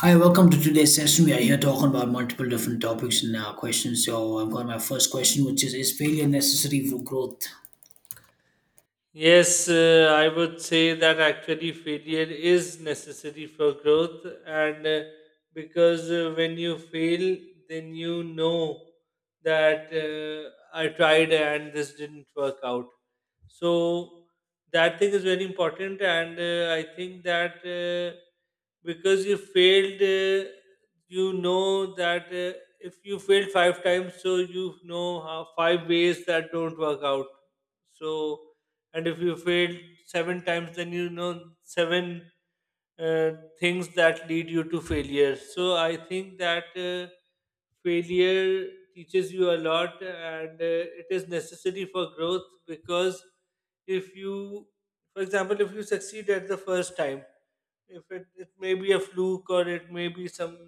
Hi, welcome to today's session. We are here talking about multiple different topics and questions. So I've got my first question, which is failure necessary for growth? Yes, I would say that actually failure is necessary for growth, and because when you fail, then you know that I tried and this didn't work out. So that thing is very important, and I think that because you failed, you know that if you failed five times, so you know how five ways that don't work out. So and if you fail seven times then you know seven uh, things that lead you to failure. So I think that failure teaches you a lot, and it is necessary for growth because if you, for example, if you succeed at the first time, if it, it may be a fluke or it may be some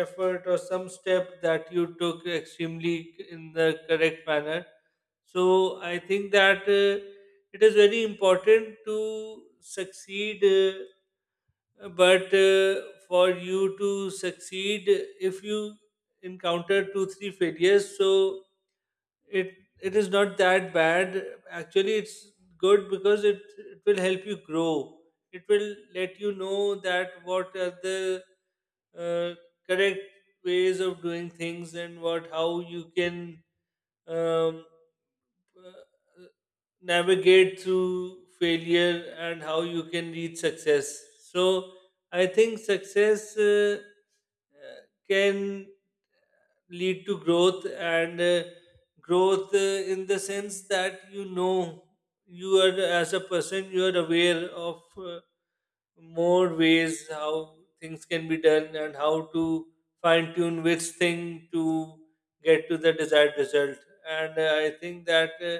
effort or some step that you took extremely in the correct manner. So I think that it is very important to succeed, but for you to succeed, if you encounter two, three failures, so it it is not that bad, actually it's good because it will help you grow. It will let you know that what are the uh, correct ways of doing things, and what how you can um, uh, navigate through failure and how you can reach success. So I think success can lead to growth, and growth in the sense that you know you are as a person, you are aware of more ways how things can be done and how to fine tune which thing to get to the desired result. And I think that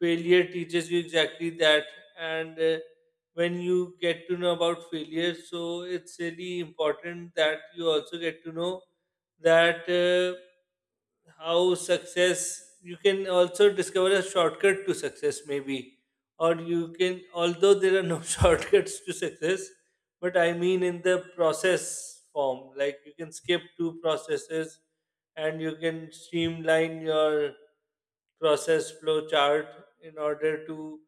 failure teaches you exactly that. And when you get to know about failure, so it's really important that you also get to know that how success, you can also discover a shortcut to success maybe, or you can, although there are no shortcuts to success, but I mean in the process form, like you can skip two processes and you can streamline your process flow chart in order to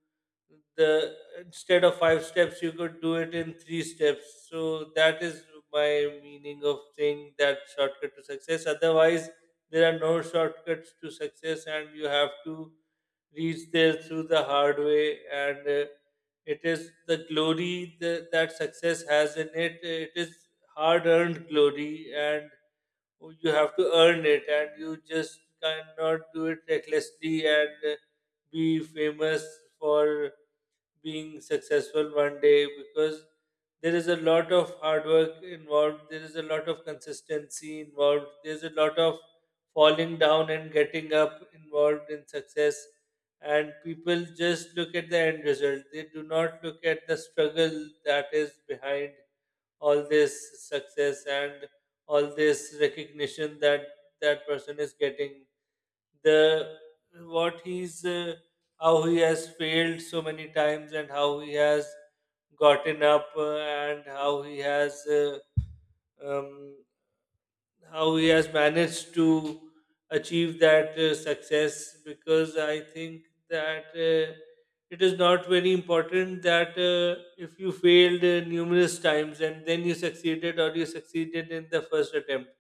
the instead of five steps you could do it in three steps. So that is my meaning of saying that shortcut to success. Otherwise there are no shortcuts to success, and you have to reach there through the hard way. And it is the glory, that success has in it. It is hard earned glory, and oh, you have to earn it, and you just cannot do it recklessly and be famous for being successful one day, because there is a lot of hard work involved, there is a lot of consistency involved, there's a lot of falling down and getting up involved in success. And people just look at the end result, they do not look at the struggle that is behind all this success and all this recognition that that person is getting, the what he's how he has failed so many times and how he has gotten up and um, how he has managed to achieve that success. Because I think that it is not very important that if you failed numerous times and then you succeeded, or you succeeded in the first attempt,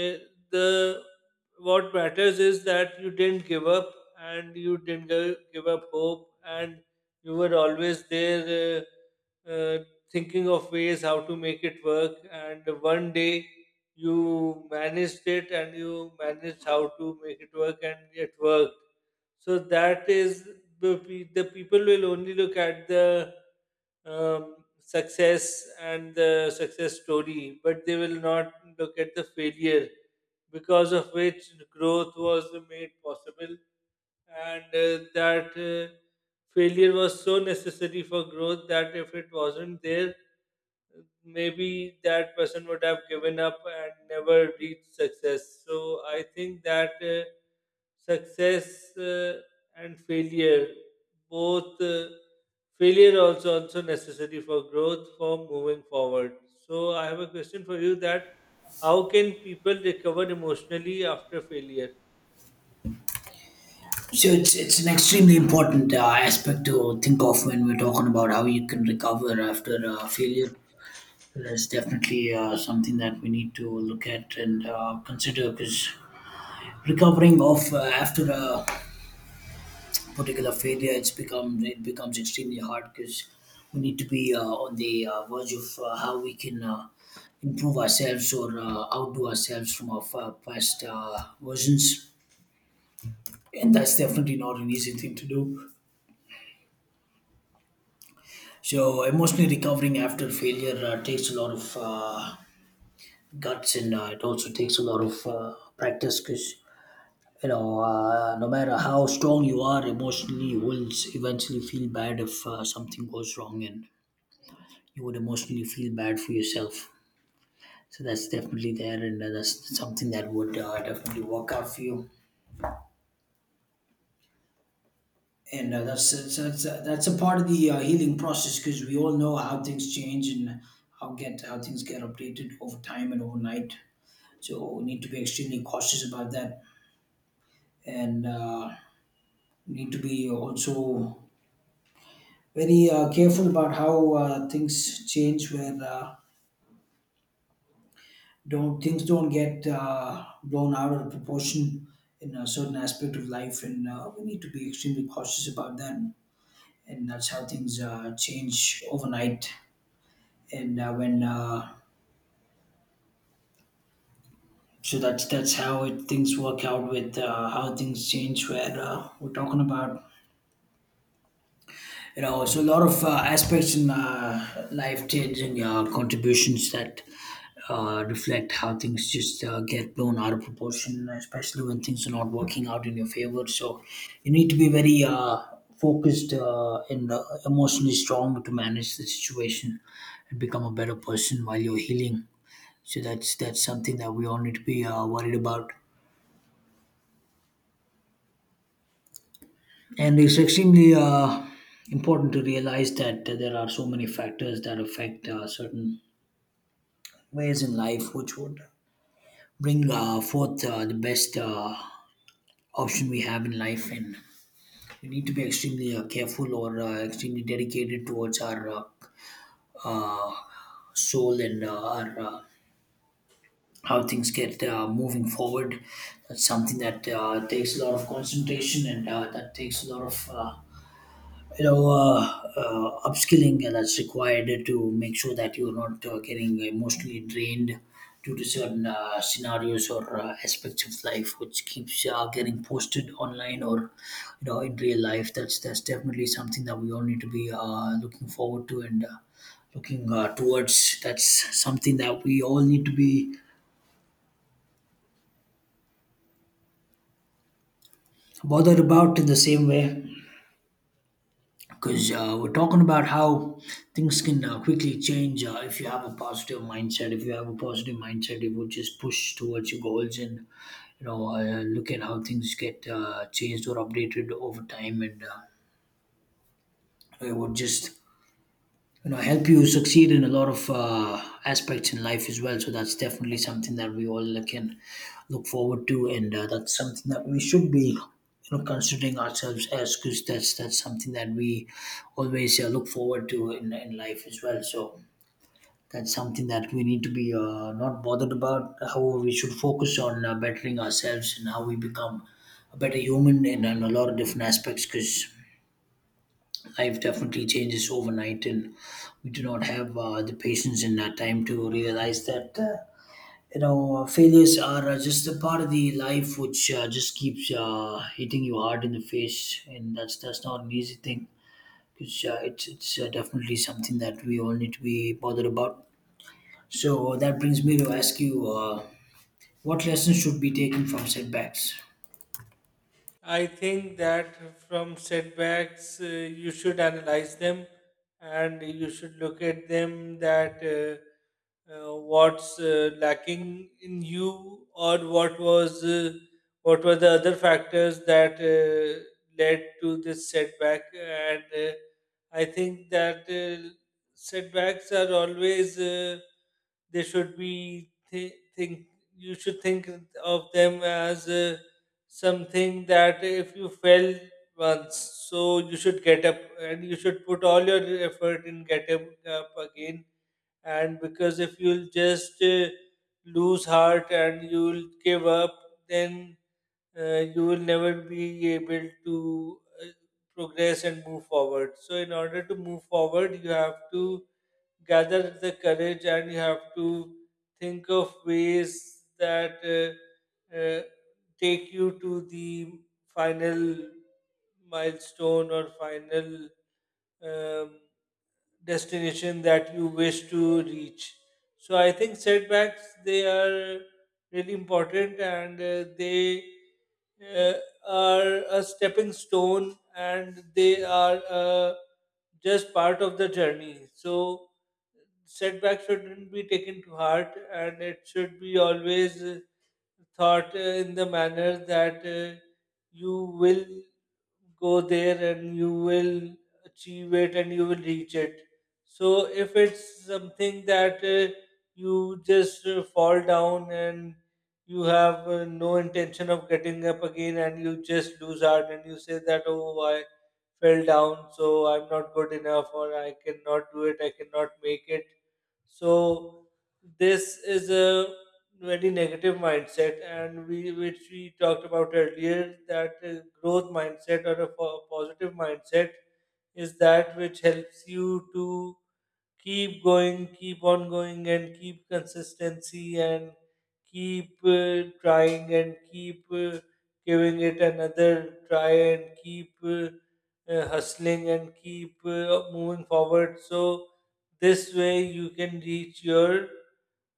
eh, the what matters is that you didn't give up, and you didn't give up hope, and you were always there thinking of ways how to make it work, and one day you managed it and you managed how to make it work and it worked. So that is the people will only look at the success and the success story, but they will not look at the failure because of which growth was made possible. And that failure was so necessary for growth that if it wasn't there, maybe that person would have given up and never reached success. So I think that success and failure, both failure also also necessary for growth, for moving forward. So I have a question for you: that how can people recover emotionally after failure? So it's an extremely important aspect to think of when we're talking about how you can recover after failure. That's definitely something that we need to look at and consider because recovering of after a particular failure, it becomes extremely hard because we need to be on the verge of how we can improve ourselves or outdo ourselves from our past versions, and that's definitely not an easy thing to do. So emotionally recovering after failure takes a lot of guts, and it also takes a lot of practice because you know no matter how strong you are emotionally, you will eventually feel bad if something goes wrong and you would emotionally feel bad for yourself. So that's definitely there, and that's something that would definitely work out for you. And that's a part of the healing process because we all know how things change and how things get updated over time and overnight. So we need to be extremely cautious about that, and we need to be also very careful about how things change. Where don't things don't get blown out of proportion in a certain aspect of life, and we need to be extremely cautious about that. And that's how things change overnight. And when so that's things work out with how things change. Where we're talking about you know so a lot of aspects in life changing contributions that reflect how things just get blown out of proportion, especially when things are not working out in your favor. So you need to be very focused and emotionally strong to manage the situation and become a better person while you're healing. So that's something that we all need to be worried about, and it's extremely important to realize that there are so many factors that affect certain ways in life which would bring forth the best option we have in life. And we need to be extremely careful or extremely dedicated towards our uh, soul and our how things get moving forward. That's something that takes a lot of concentration, and that takes a lot of you know uh, upskilling that's required to make sure that you're not getting emotionally drained due to certain scenarios or aspects of life which keeps getting posted online or you know in real life. That's definitely something that we all need to be looking forward to and looking towards. That's something that we all need to be bothered about in the same way, because we're talking about how things can quickly change. If you have a positive mindset, if you have a positive mindset, it will just push towards your goals. And you know look at how things get changed or updated over time, and it would just you know help you succeed in a lot of aspects in life as well. So that's definitely something that we all can look forward to, and that's something that we should be, you know, considering ourselves as, because that's something that we always look forward to in life as well. So that's something that we need to be not bothered about; however, we should focus on bettering ourselves and how we become a better human in a lot of different aspects, because life definitely changes overnight and we do not have the patience and that time to realize that failures are just a part of the life which just keeps hitting you hard in the face. And that's not an easy thing, because it's definitely something that we all need to be bothered about. So that brings me to ask you what lessons should be taken from setbacks. I think that from setbacks, you should analyze them and you should look at them that what's lacking in you, or what was what were the other factors that led to this setback. And I think that setbacks are always they should be th- think you should think of them as something that if you fail once, so you should get up and you should put all your effort in getting up again. And because if you'll just lose heart and you'll give up, then you will never be able to progress and move forward. So, in order to move forward, you have to gather the courage and you have to think of ways that take you to the final milestone, or final um, destination that you wish to reach. So I think setbacks, they are really important, and they uh, are a stepping stone, and they are just part of the journey. So setback shouldn't be taken to heart, and it should be always thought in the manner that you will go there and you will achieve it and you will reach it. So if it's something that you just fall down and you have no intention of getting up again, and you just lose heart and you say that, oh, I fell down so I'm not good enough, or I cannot do it, I cannot make it, so this is a very negative mindset, and we which we talked about earlier that growth mindset or a positive mindset is that which helps you to keep going, keep on going, and keep consistency, and keep trying, and keep giving it another try, and keep hustling, and keep moving forward. So this way you can reach your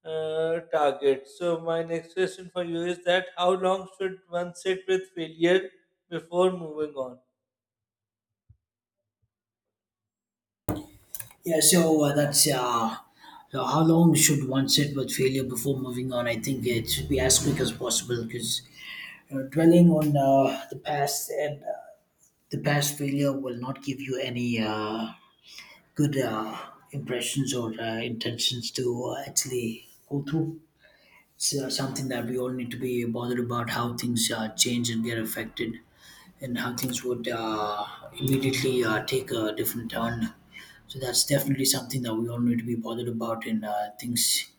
target. So my next question for you is that how long should one sit with failure before moving on? Yeah, so that's so how long should one sit with failure before moving on? I think it should be as quick as possible because, you know, dwelling on the past and the past failure will not give you any good impressions or intentions to actually go through. It's something that we all need to be bothered about, how things change and get affected, and how things would immediately take a different turn. So that's definitely something that we all need to be bothered about, and things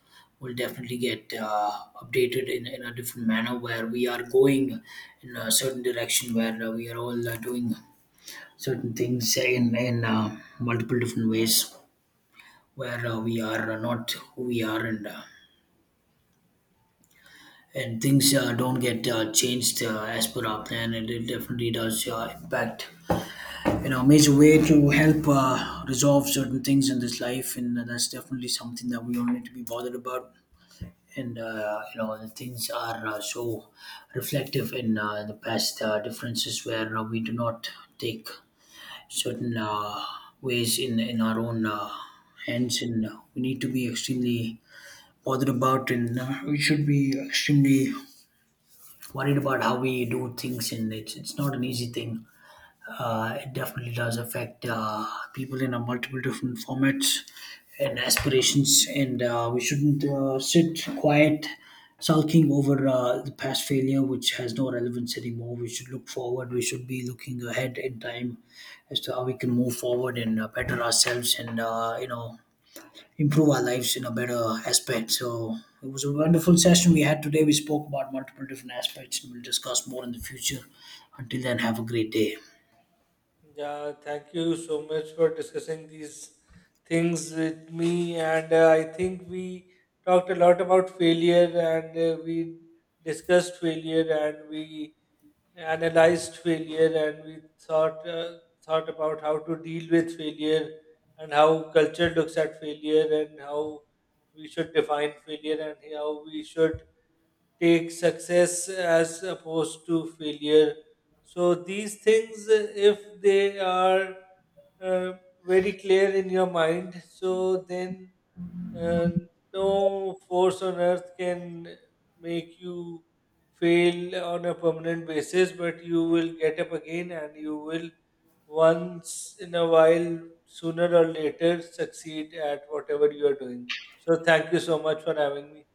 will definitely get updated in a different manner, where we are going in a certain direction, where we are all doing certain things in multiple different ways, where we are not who we are, and and things don't get changed as per our plan, and it definitely does impact, you know, major way to help resolve certain things in this life. And that's definitely something that we all need to be bothered about, and you know the things are so reflective in the past differences, where we do not take certain ways in our own hands, and we need to be extremely bothered about, and we should be extremely worried about how we do things. And it's not an easy thing. It definitely does affect people in a multiple different formats and aspirations, and we shouldn't sit quiet, sulking over the past failure, which has no relevance anymore. We should look forward. We should be looking ahead in time as to how we can move forward and better ourselves, and you know, improve our lives in a better aspect. So it was a wonderful session we had today. We spoke about multiple different aspects, and we'll discuss more in the future. Until then, have a great day. Yeah, thank you so much for discussing these things with me, and I think we talked a lot about failure, and we discussed failure, and we analyzed failure, and we thought about how to deal with failure, and how culture looks at failure, and how we should define failure, and how we should take success as opposed to failure. So these things if they are uh, very clear in your mind, so then and no force on earth can make you fail on a permanent basis, but you will get up again and you will, once in a while, sooner or later, succeed at whatever you are doing. So, thank you so much for having me.